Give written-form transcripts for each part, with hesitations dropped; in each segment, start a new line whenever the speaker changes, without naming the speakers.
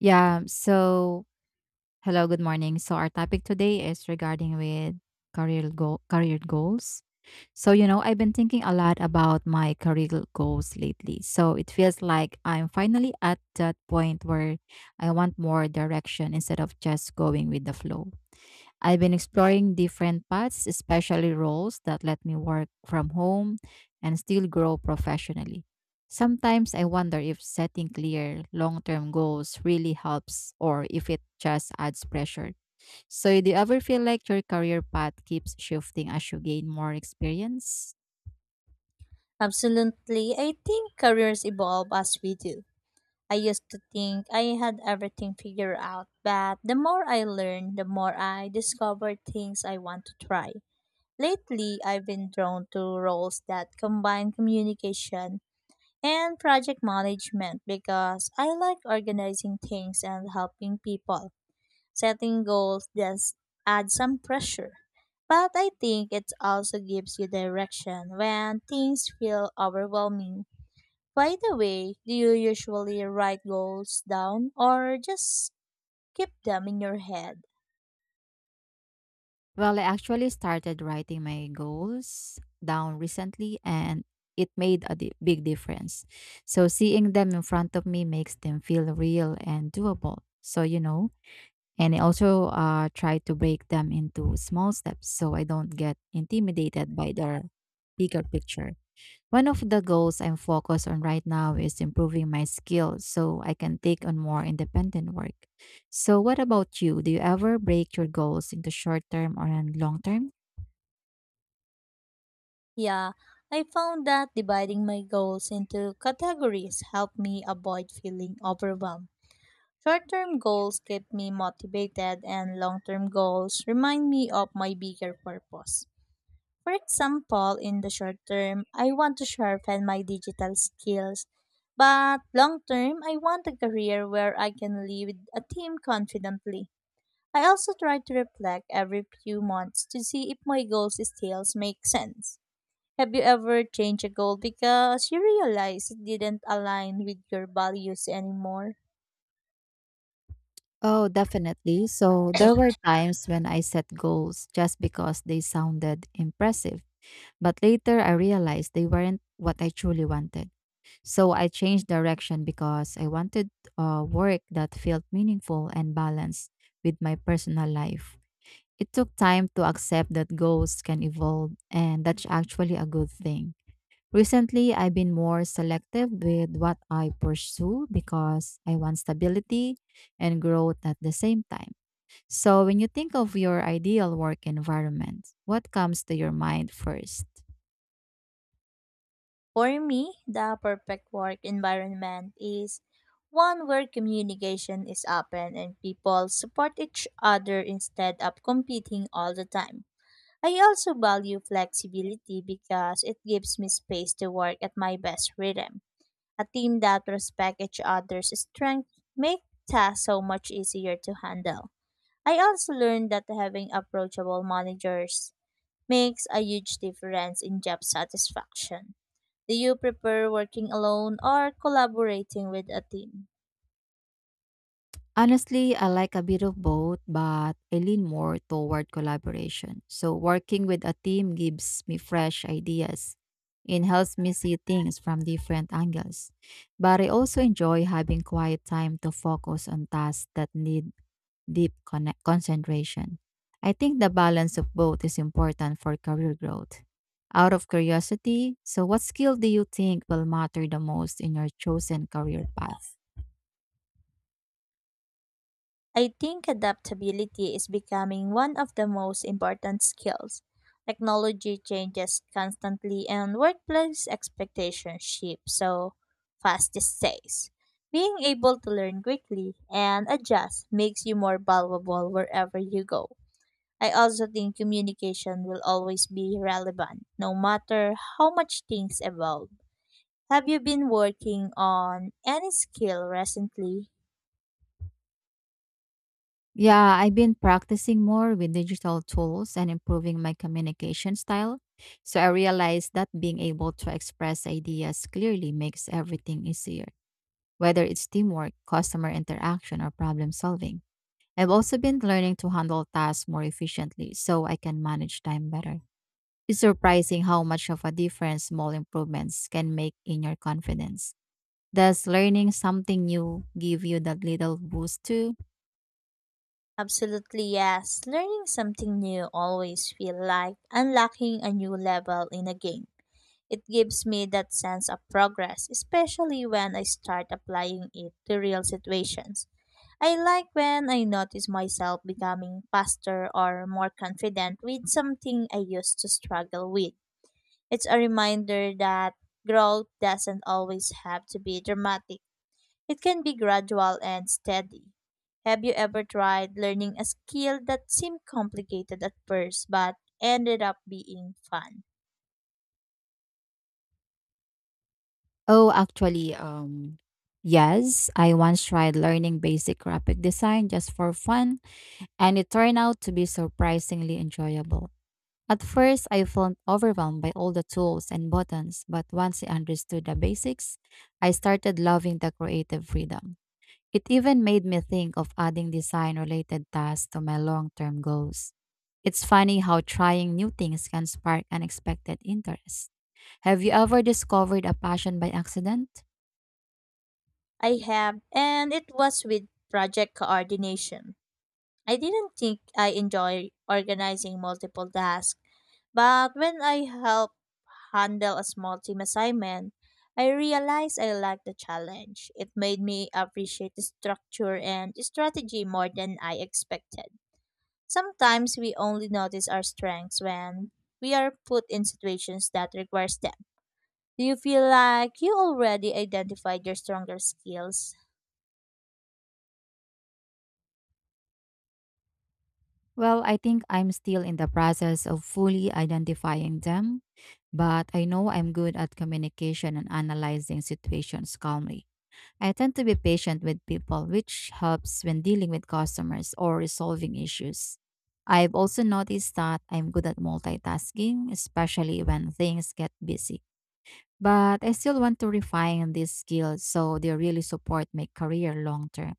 Yeah. So, hello, good morning. So, our topic today is regarding with career goals. I've been thinking a lot about my goals lately. So, it feels like I'm finally at that point where I want more direction instead of just going with the flow. I've been exploring different paths, especially roles that let me work from home and still grow professionally. Sometimes I wonder if setting clear long term goals really helps or if it just adds pressure. So, do you ever feel like your career path keeps shifting as you gain more experience?
Absolutely. I think careers evolve as we do. I used to think I had everything figured out, but the more I learn, the more I discover things I want to try. Lately, I've been drawn to roles that combine communication and project management because I like organizing things and helping people. Setting goals does add some pressure. But I think it also gives you direction when things feel overwhelming by the way, do you usually write goals down or just keep them in your head?
Well, I actually started writing my goals down recently and it made a big difference. So seeing them in front of me makes them feel real and doable. And I also try to break them into small steps so I don't get intimidated by their bigger picture. One of the goals I'm focused on right now is improving my skills so I can take on more independent work. So, what about you? Do you ever break your goals into short term or long term?
Yeah, I found that dividing my goals into categories helped me avoid feeling overwhelmed. Short term goals keep me motivated, and long term goals remind me of my bigger purpose. For example, in the short term, I want to sharpen my digital skills but long term, I want a career where I can lead a team confidently. I also try to reflect every few months to see if my goals still make sense. Have you ever changed a goal because you realized it didn't align with your values anymore?
Oh, definitely. So there were times when I set goals just because they sounded impressive, but later I realized they weren't what I truly wanted. So I changed direction because I wanted work that felt meaningful and balanced with my personal life. It took time to accept that goals can evolve, and that's actually a good thing. Recently, I've been more selective with what I pursue because I want stability and growth at the same time. So, when you think of your ideal work environment, what comes to your mind first?
For me, the perfect work environment is one where communication is open and people support each other instead of competing all the time. I also value flexibility because it gives me space to work at my best rhythm. A team that respects each other's strengths makes tasks so much easier to handle. I also learned that having approachable managers makes a huge difference in job satisfaction. Do you prefer working alone or collaborating with a team?
Honestly, I like a bit of both, but I lean more toward collaboration. So, working with a team gives me fresh ideas and helps me see things from different angles. But I also enjoy having quiet time to focus on tasks that need concentration. I think the balance of both is important for career growth. Out of curiosity, so what skill do you think will matter the most in your chosen career path?
I think adaptability is becoming one of the most important skills. Technology changes constantly and workplace expectations shift so fast these days. Being able to learn quickly and adjust makes you more valuable wherever you go. I also think communication will always be relevant, no matter how much things evolve. Have you been working on any skill recently?
Yeah, I've been practicing more with digital tools and improving my communication style. So I realized that being able to express ideas clearly makes everything easier, whether it's teamwork, customer interaction, or problem solving. I've also been learning to handle tasks more efficiently so I can manage time better. It's surprising how much of a difference small improvements can make in your confidence. Does learning something new give you that little boost too?
Absolutely, yes. Learning something new always feel like unlocking a new level in a game. It gives me that sense of progress, especially when I start applying it to real situations. I like when I notice myself becoming faster or more confident with something I used to struggle with. It's a reminder that growth doesn't always have to be dramatic. It can be gradual and steady. Have you ever tried learning a skill that seemed complicated at first but ended up being fun?
Oh, actually, yes. I once tried learning basic graphic design just for fun, and it turned out to be surprisingly enjoyable. At first, I felt overwhelmed by all the tools and buttons, but once I understood the basics, I started loving the creative freedom. It even made me think of adding design related tasks to my long term goals. It's funny how trying new things can spark unexpected interest. Have you ever discovered a passion by accident?
I have, and it was with project coordination. I didn't think I enjoy organizing multiple tasks, but when I help handle a small team assignment, I realized I liked the challenge. It made me appreciate the structure and strategy more than I expected. Sometimes we only notice our strengths when we are put in situations that requires them. Do you feel like you already identified your stronger skills?
Well, I think I'm still in the process of fully identifying them, but I know I'm good at communication and analyzing situations calmly. I tend to be patient with people, which helps when dealing with customers or resolving issues. I've also noticed that I'm good at multitasking, especially when things get busy. But I still want to refine these skills so they really support my career long term.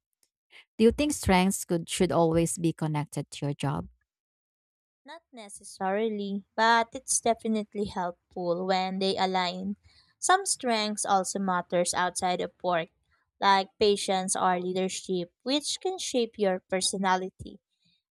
Do you think strengths could should always be connected to your job?
Not necessarily, but it's definitely helpful when they align. Some strengths also matters outside of work, like patience or leadership, which can shape your personality.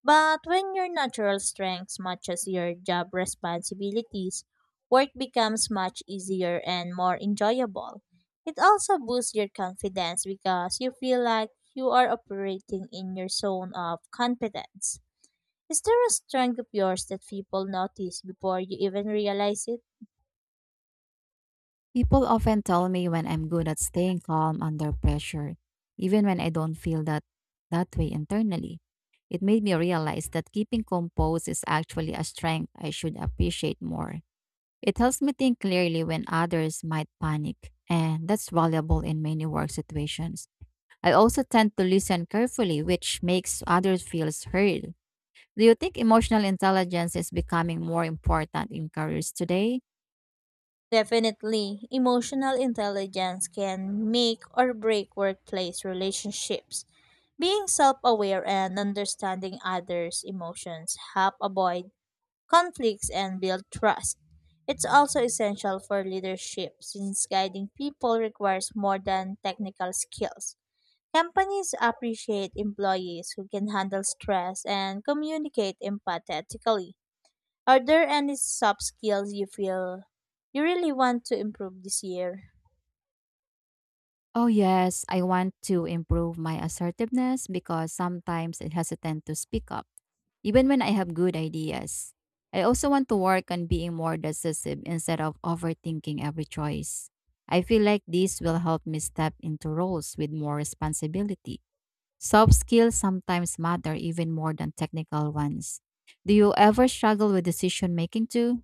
But when your natural strengths matches your job responsibilities, work becomes much easier and more enjoyable. It also boosts your confidence because you feel like you are operating in your zone of competence. Is there a strength of yours that people notice before you even realize it?
People often tell me when I'm good at staying calm under pressure, even when I don't feel that way internally. It made me realize that keeping composed is actually a strength I should appreciate more. It helps me think clearly when others might panic, and that's valuable in many work situations. I also tend to listen carefully, which makes others feel heard. Do you think emotional intelligence is becoming more important in careers today?
Definitely, emotional intelligence can make or break workplace relationships. Being self aware and understanding others' emotions help avoid conflicts and build trust. It's also essential for leadership since guiding people requires more than technical skills. Companies appreciate employees who can handle stress and communicate empathetically. Are there any soft skills you feel you really want to improve this year?
Oh, yes. I want to improve my assertiveness because sometimes I hesitate to speak up, even when I have good ideas. I also want to work on being more decisive instead of overthinking every choice. I feel like this will help me step into roles with more responsibility. Soft skills sometimes matter even more than technical ones. Do you ever struggle with decision making too?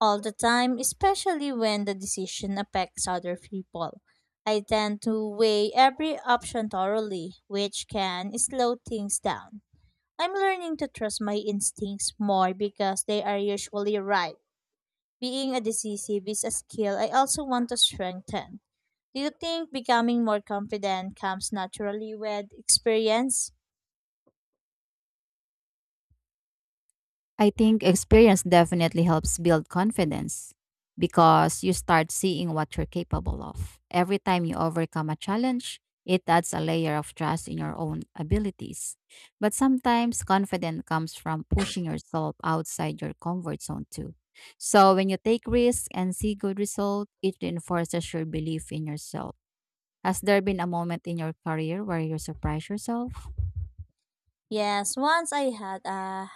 All the time, especially when the decision affects other people. I tend to weigh every option thoroughly, which can slow things down. I'm learning to trust my instincts more because they are usually right. Being a decisive is a skill I also want to strengthen. Do you think becoming more confident comes naturally with experience?
I think experience definitely helps build confidence because you start seeing what you're capable of. Every time you overcome a challenge, it adds a layer of trust in your own abilities. But sometimes confidence comes from pushing yourself outside your comfort zone too. So when you take risks and see good results, it reinforces your belief in yourself. Has there been a moment in your career where you surprise yourself?
Yes, once I had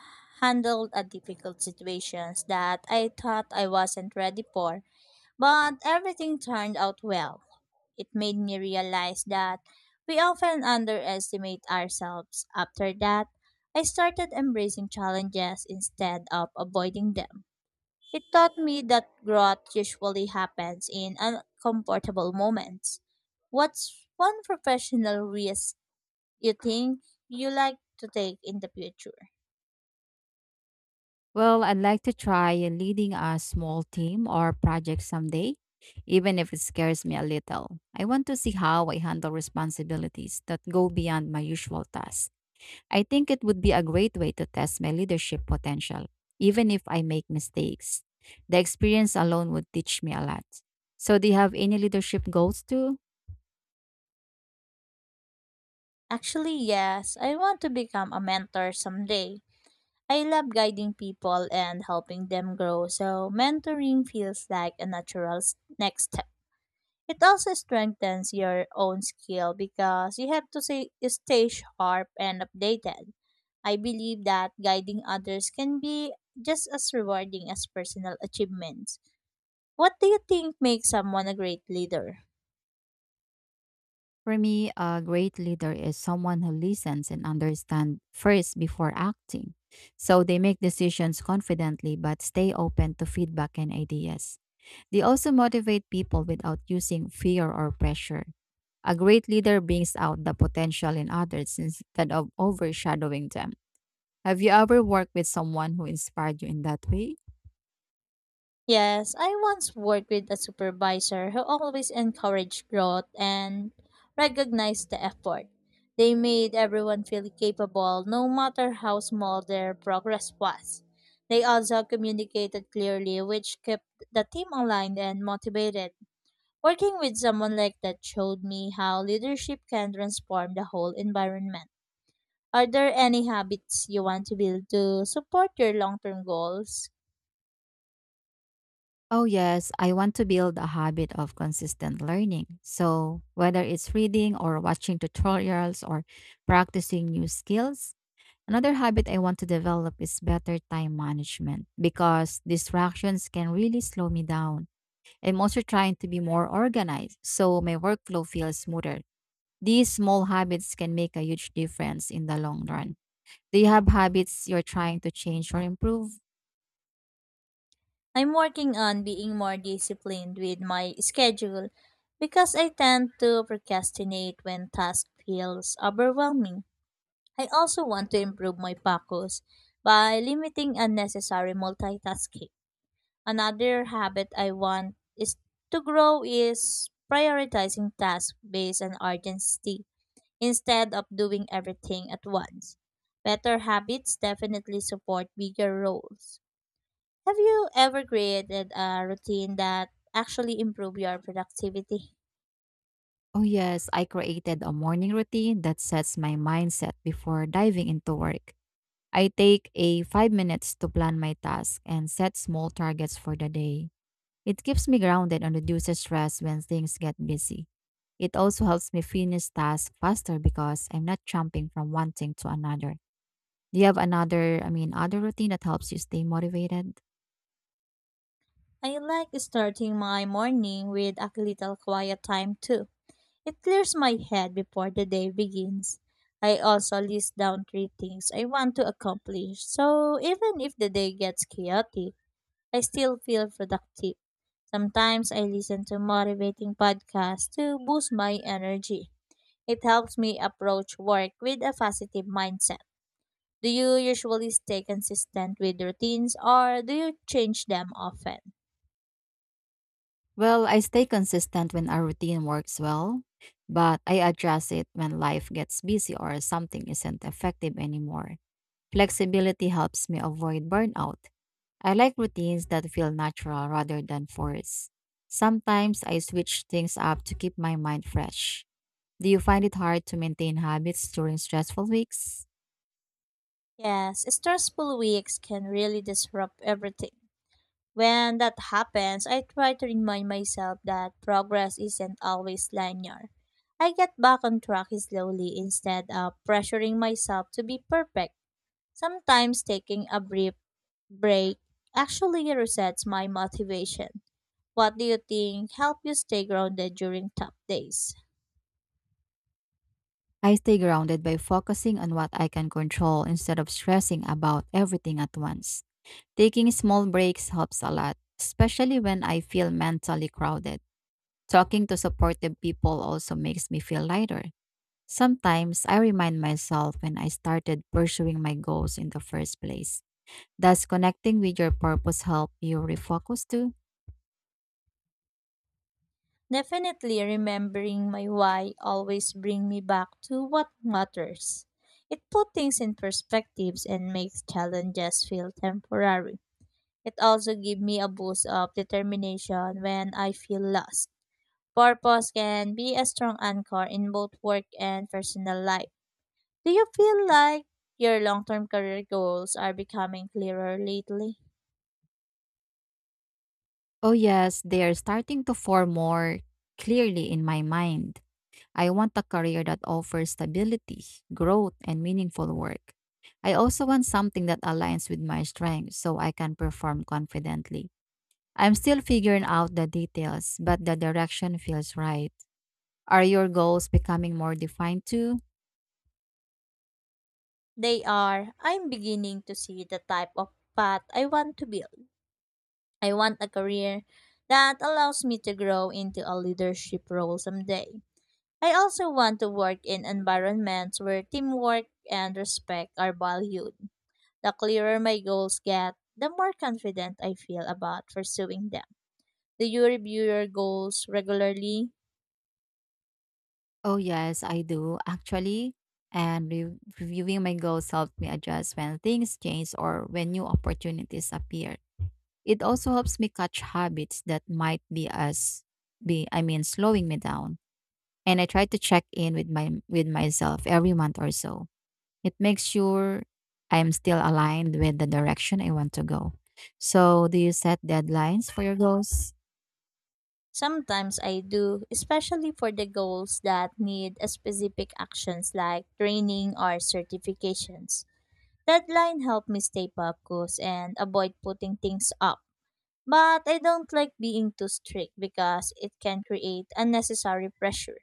handled a difficult situations that I thought I wasn't ready for, but everything turned out well. It made me realize that we often underestimate ourselves. After that, I started embracing challenges instead of avoiding them. It taught me that growth usually happens in uncomfortable moments. What's one professional risk you think you like to take in the future?
Well, I'd like to try leading a small team or project someday, even if it scares me a little. I want to see how I handle responsibilities that go beyond my usual tasks. I think it would be a great way to test my leadership potential, even if I make mistakes. The experience alone would teach me a lot. So, do you have any leadership goals too?
Actually, yes, I want to become a mentor someday. I love guiding people and helping them grow, so mentoring feels like a natural next step. It also strengthens your own skill because you have to say, stay sharp and updated. I believe that guiding others can be just as rewarding as personal achievements. What do you think makes someone a great leader?
For me, a great leader is someone who listens and understands first before acting. So they make decisions confidently but stay open to feedback and ideas. They also motivate people without using fear or pressure. A great leader brings out the potential in others instead of overshadowing them. Have you ever worked with someone who inspired you in that way?
Yes, I once worked with a supervisor who always encouraged growth and recognized the effort. They made everyone feel capable no matter how small their progress was. They also communicated clearly, which kept the team aligned and motivated. Working with someone like that showed me how leadership can transform the whole environment. Are there any habits you want to build to support your long term goals?
Oh, yes, I want to build a habit of consistent learning. So, whether it's reading or watching tutorials or practicing new skills, another habit I want to develop is better time management because distractions can really slow me down. I'm also trying to be more organized so my workflow feels smoother. These small habits can make a huge difference in the long run. Do you have habits you're trying to change or improve?
I'm working on being more disciplined with my schedule because I tend to procrastinate when task feels overwhelming. I also want to improve my focus by limiting unnecessary multitasking. Another habit I want is to grow is prioritizing tasks based on urgency instead of doing everything at once. Better habits definitely support bigger roles. Have you ever created a routine that actually improve your productivity?
Oh, yes, I created a morning routine that sets my mindset before diving into work. I take a 5 minutes to plan my task and set small targets for the day. It keeps me grounded and reduces stress when things get busy. It also helps me finish tasks faster because I'm not jumping from one thing to another. Do you have other routine that helps you stay motivated?
I like starting my morning with a little quiet time too. It clears my head before the day begins. I also list down three things I want to accomplish. So even if the day gets chaotic, I still feel productive. Sometimes I listen to motivating podcasts to boost my energy. It helps me approach work with a positive mindset. Do you usually stay consistent with routines or do you change them often?
Well, I stay consistent when our routine works well, but I adjust it when life gets busy or something isn't effective anymore. Flexibility helps me avoid burnout. I like routines that feel natural rather than forced. Sometimes I switch things up to keep my mind fresh. Do you find it hard to maintain habits during stressful weeks?
Yes, stressful weeks can really disrupt everything. When that happens, I try to remind myself that progress isn't always linear. I get back on track slowly instead of pressuring myself to be perfect. Sometimes taking a brief break actually resets my motivation. What do you think help you stay grounded during tough days?
I stay grounded by focusing on what I can control instead of stressing about everything at once. Taking small breaks helps a lot, especially when I feel mentally crowded. Talking to supportive people also makes me feel lighter. Sometimes I remind myself when I started pursuing my goals in the first place. Does connecting with your purpose help you refocus too?
Definitely remembering my why always bring me back to what matters. It put things in perspectives and makes challenges feel temporary. It also gives me a boost of determination when I feel lost. Purpose can be a strong anchor in both work and personal life. Do you feel like your long-term career goals are becoming clearer lately?
Oh, yes, they are starting to form more clearly in my mind. I want a career that offers stability, growth, and meaningful work. I also want something that aligns with my strengths so I can perform confidently. I'm still figuring out the details, but the direction feels right. Are your goals becoming more defined too?
They are. I'm beginning to see the type of path I want to build. I want a career that allows me to grow into a leadership role someday. I also want to work in environments where teamwork and respect are valued. The clearer my goals get, the more confident I feel about pursuing them. Do you review your goals regularly?
Oh, yes, I do, actually. And reviewing my goals helped me adjust when things change or when new opportunities appear. It also helps me catch habits that might be as be I mean slowing me down. And I try to check in with my with myself every month or so. It makes sure I'm still aligned with the direction I want to go. So, do you set deadlines for your goals?
Sometimes I do, especially for the goals that need specific actions like training or certifications. Deadline help me stay focused and avoid putting things up. But I don't like being too strict because it can create unnecessary pressure.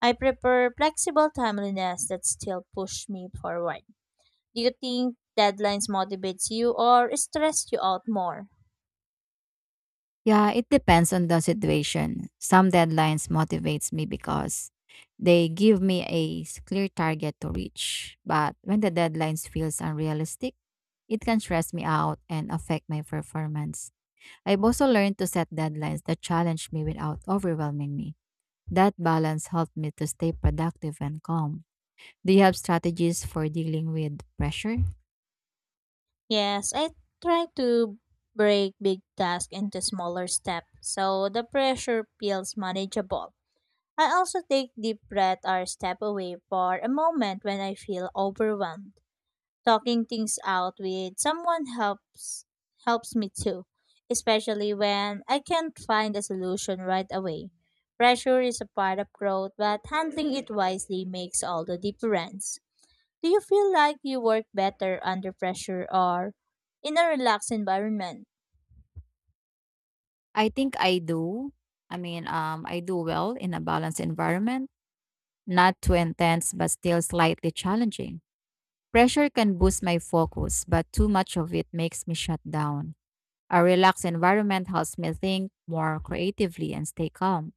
I prefer flexible timeliness that still push me forward. Do you think deadlines motivates you or stress you out more?
Yeah, it depends on the situation. Some deadlines motivates me because they give me a clear target to reach. But when the deadlines feels unrealistic, it can stress me out and affect my performance. I've also learned to set deadlines that challenge me without overwhelming me. That balance helped me to stay productive and calm. Do you have strategies for dealing with pressure?
Yes, I try to break big tasks into smaller steps so the pressure feels manageable. I also take deep breath or step away for a moment when I feel overwhelmed. Talking things out with someone helps me too, especially when I can't find a solution right away. Pressure is a part of growth, but handling it wisely makes all the difference. Do you feel like you work better under pressure or in a relaxed environment?
I think I do. I do well in a balanced environment, not too intense, but still slightly challenging. Pressure can boost my focus, but too much of it makes me shut down. A relaxed environment helps me think more creatively and stay calm.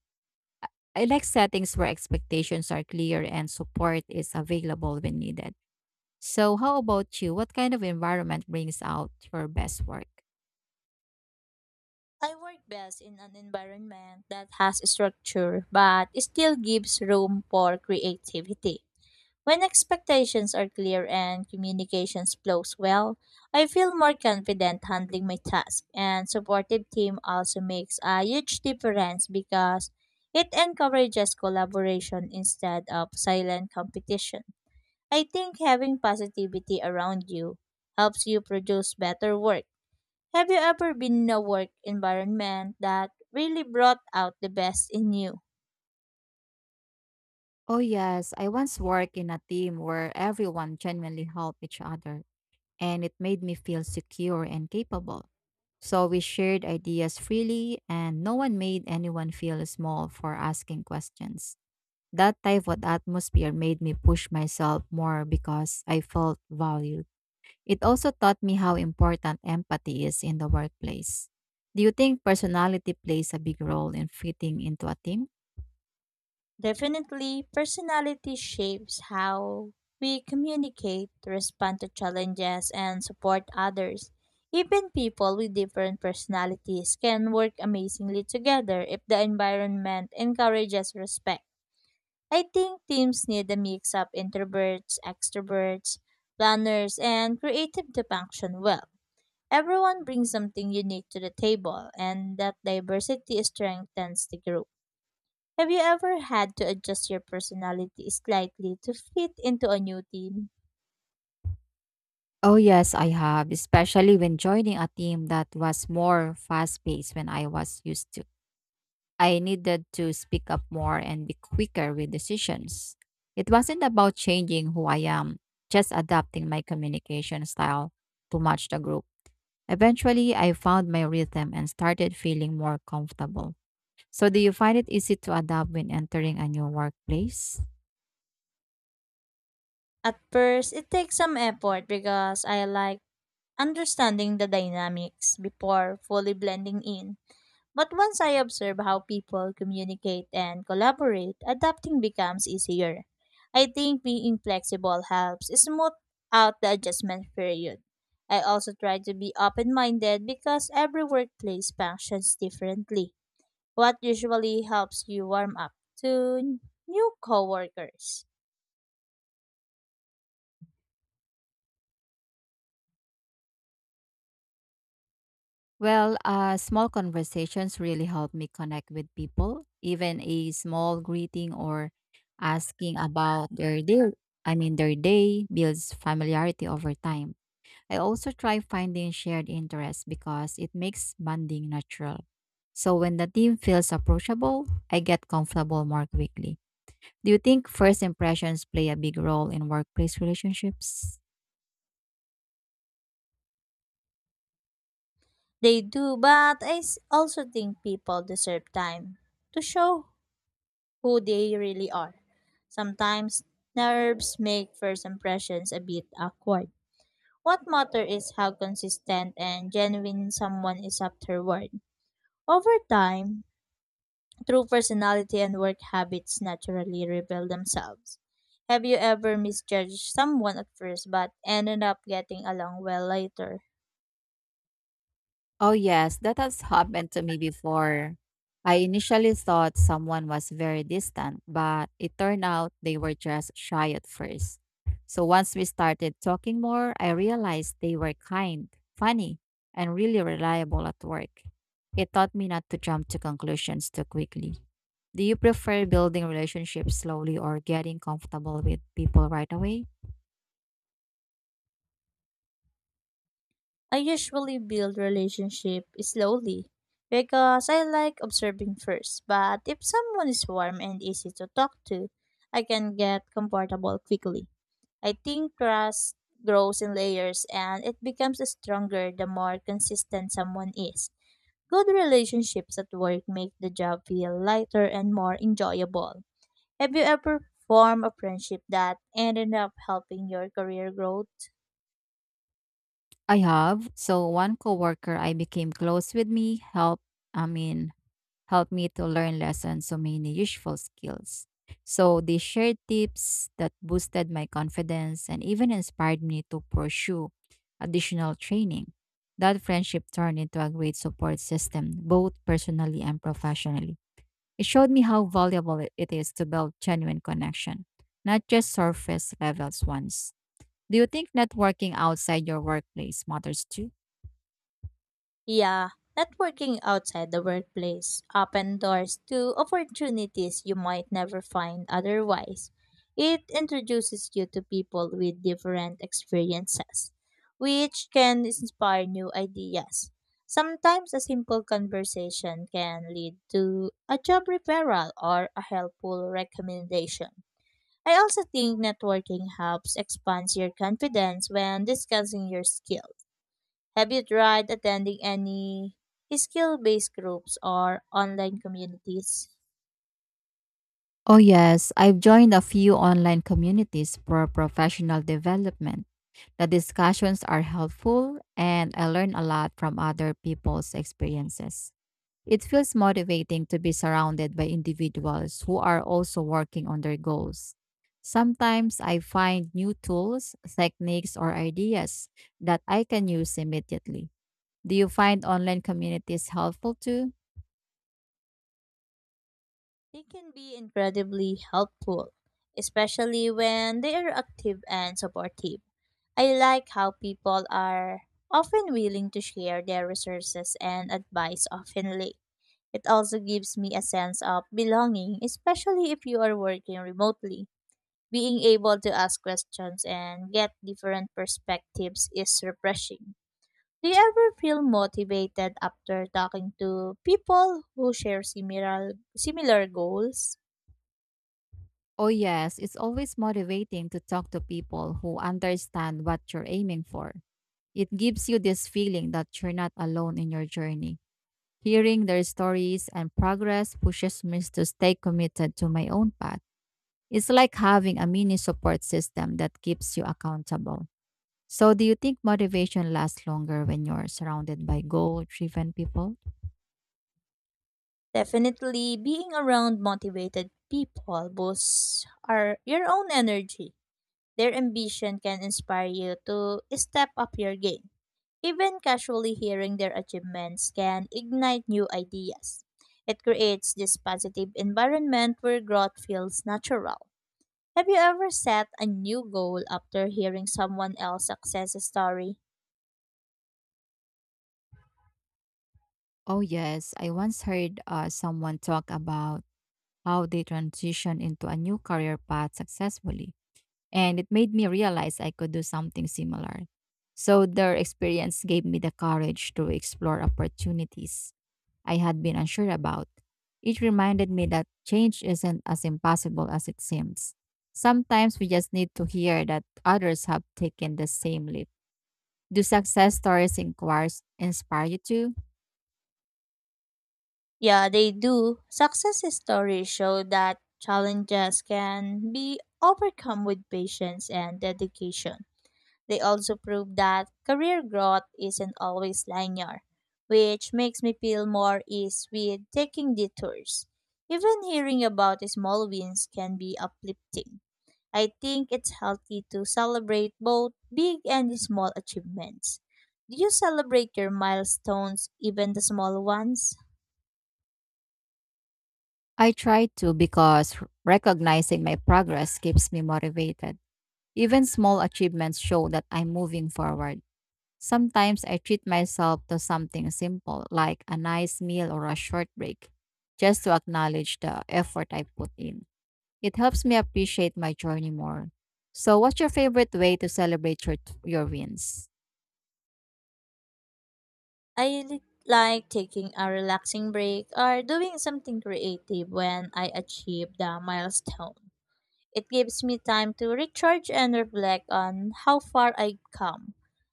I like settings where expectations are clear and support is available when needed. So, how about you? What kind of environment brings out your best work?
I work best in an environment that has structure but still gives room for creativity. When expectations are clear and communications flows well, I feel more confident handling my task and supportive team also makes a huge difference because it encourages collaboration instead of silent competition. I think having positivity around you helps you produce better work. Have you ever been in a work environment that really brought out the best in you?
Oh, yes. I once worked in a team where everyone genuinely helped each other, and it made me feel secure and capable. So, we shared ideas freely, and no one made anyone feel small for asking questions. That type of atmosphere made me push myself more because I felt valued. It also taught me how important empathy is in the workplace. Do you think personality plays a big role in fitting into a team?
Definitely, personality shapes how we communicate, respond to challenges, and support others. Even people with different personalities can work amazingly together if the environment encourages respect. I think teams need a mix of introverts, extroverts, planners, and creative to function well. Everyone brings something unique to the table, and that diversity strengthens the group. Have you ever had to adjust your personality slightly to fit into a new team?
Oh, yes, I have, especially when joining a team that was more fast paced when I was used to. I needed to speak up more and be quicker with decisions. It wasn't about changing who I am, just adapting my communication style to match the group. Eventually, I found my rhythm and started feeling more comfortable. So, do you find it easy to adapt when entering a new workplace?
At first, it takes some effort because I like understanding the dynamics before fully blending in. But once I observe how people communicate and collaborate, adapting becomes easier. I think being flexible helps smooth out the adjustment period. I also try to be open minded because every workplace functions differently. What usually helps you warm up to new coworkers?
Well, small conversations really help me connect with people. Even a small greeting or asking about their day, builds familiarity over time. I also try finding shared interests because it makes bonding natural. So when the team feels approachable, I get comfortable more quickly. Do you think first impressions play a big role in workplace relationships?
They do, but I also think people deserve time to show who they really are. Sometimes nerves make first impressions a bit awkward. What matters is how consistent and genuine someone is afterward. Over time, true personality and work habits naturally reveal themselves. Have you ever misjudged someone at first but ended up getting along well later?
Oh, yes, that has happened to me before. I initially thought someone was very distant, but it turned out they were just shy at first. So once we started talking more, I realized they were kind, funny, and really reliable at work. It taught me not to jump to conclusions too quickly. Do you prefer building relationships slowly or getting comfortable with people right away?
I usually build relationship slowly because I like observing first, but if someone is warm and easy to talk to, I can get comfortable quickly. I think trust grows in layers, and it becomes stronger the more consistent someone is. Good relationships at work make the job feel lighter and more enjoyable. Have you ever formed a friendship that ended up helping your career growth?
I have. So one coworker I became close with me helped I mean helped me to learn lessons so many useful skills. So they shared tips that boosted my confidence and even inspired me to pursue additional training. That friendship turned into a great support system, both personally and professionally. It showed me how valuable it is to build genuine connection, not just surface levels ones. Do you think networking outside your workplace matters too?
Yeah, networking outside the workplace open doors to opportunities you might never find otherwise. It introduces you to people with different experiences, which can inspire new ideas. Sometimes a simple conversation can lead to a job referral or a helpful recommendation. I also think networking helps expand your confidence when discussing your skills. Have you tried attending any skill based groups or online communities?
Oh, yes, I've joined a few online communities for professional development. The discussions are helpful, and I learn a lot from other people's experiences. It feels motivating to be surrounded by individuals who are also working on their goals. Sometimes I find new tools, techniques, or ideas that I can use immediately. Do you find online communities helpful too?
They can be incredibly helpful, especially when they are active and supportive. I like how people are often willing to share their resources and advice openly. It also gives me a sense of belonging, especially if you are working remotely. Being able to ask questions and get different perspectives is refreshing. Do you ever feel motivated after talking to people who share similar goals?
Oh, yes, it's always motivating to talk to people who understand what you're aiming for. It gives you this feeling that you're not alone in your journey. Hearing their stories and progress pushes me to stay committed to my own path. It's like having a mini support system that keeps you accountable. So, do you think motivation lasts longer when you're surrounded by goal driven people?
Definitely, being around motivated people boosts our your own energy. Their ambition can inspire you to step up your game. Even casually hearing their achievements can ignite new ideas. It creates this positive environment where growth feels natural. Have you ever set a new goal after hearing someone else's success story?
Oh, yes. I once heard someone talk about how they transition into a new career path successfully. And it made me realize I could do something similar. So their experience gave me the courage to explore opportunities I had been unsure about. It reminded me that change isn't as impossible as it seems. Sometimes we just need to hear that others have taken the same leap. Do success stories inquires inspire you too?
Yeah, they do. Success stories show that challenges can be overcome with patience and dedication. They also prove that career growth isn't always linear, which makes me feel more ease with taking detours. Even hearing about small wins can be uplifting. I think it's healthy to celebrate both big and small achievements. Do you celebrate your milestones, even the small ones?
I try to because recognizing my progress keeps me motivated. Even small achievements show that I'm moving forward. Sometimes I treat myself to something simple like a nice meal or a short break just to acknowledge the effort I put in. It helps me appreciate my journey more. So, what's your favorite way to celebrate your wins?
I like taking a relaxing break or doing something creative when I achieve the milestone. It gives me time to recharge and reflect on how far I've come.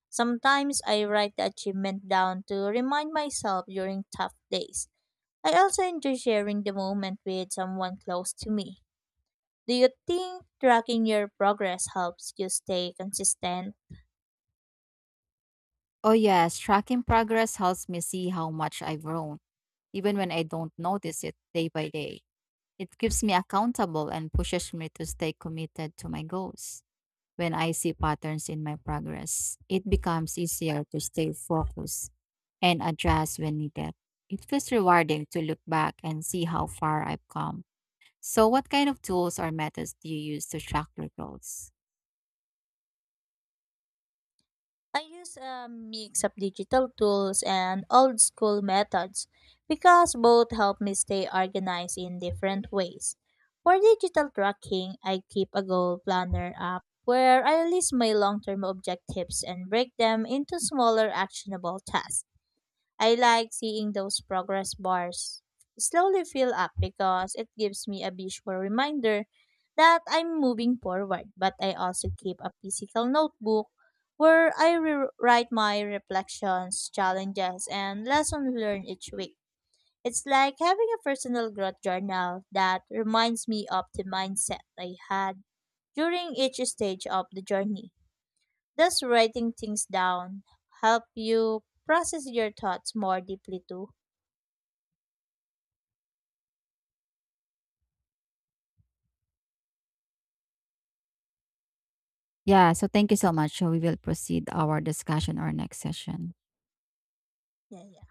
Sometimes I write the achievement down to remind myself during tough days. I also enjoy sharing the moment with someone close to me. Do you think tracking your progress helps you stay consistent?
Oh, yes, tracking progress helps me see how much I've grown, even when I don't notice it day by day. It keeps me accountable and pushes me to stay committed to my goals. When I see patterns in my progress, it becomes easier to stay focused and adjust when needed. It feels rewarding to look back and see how far I've come. So, what kind of tools or methods do you use to track your goals?
I use a mix of digital tools and old school methods because both help me stay organized in different ways. For digital tracking, I keep a goal planner app where I list my long term objectives and break them into smaller actionable tasks. I like seeing those progress bars slowly fill up because it gives me a visual reminder that I'm moving forward. But I also keep a physical notebook where I write my reflections, challenges, and lessons learned each week. It's like having a personal growth journal that reminds me of the mindset I had during each stage of the journey. Does writing things down help you process your thoughts more deeply too?
Yeah, so thank you so much. So, we will proceed our discussion our next session.
Yeah, yeah.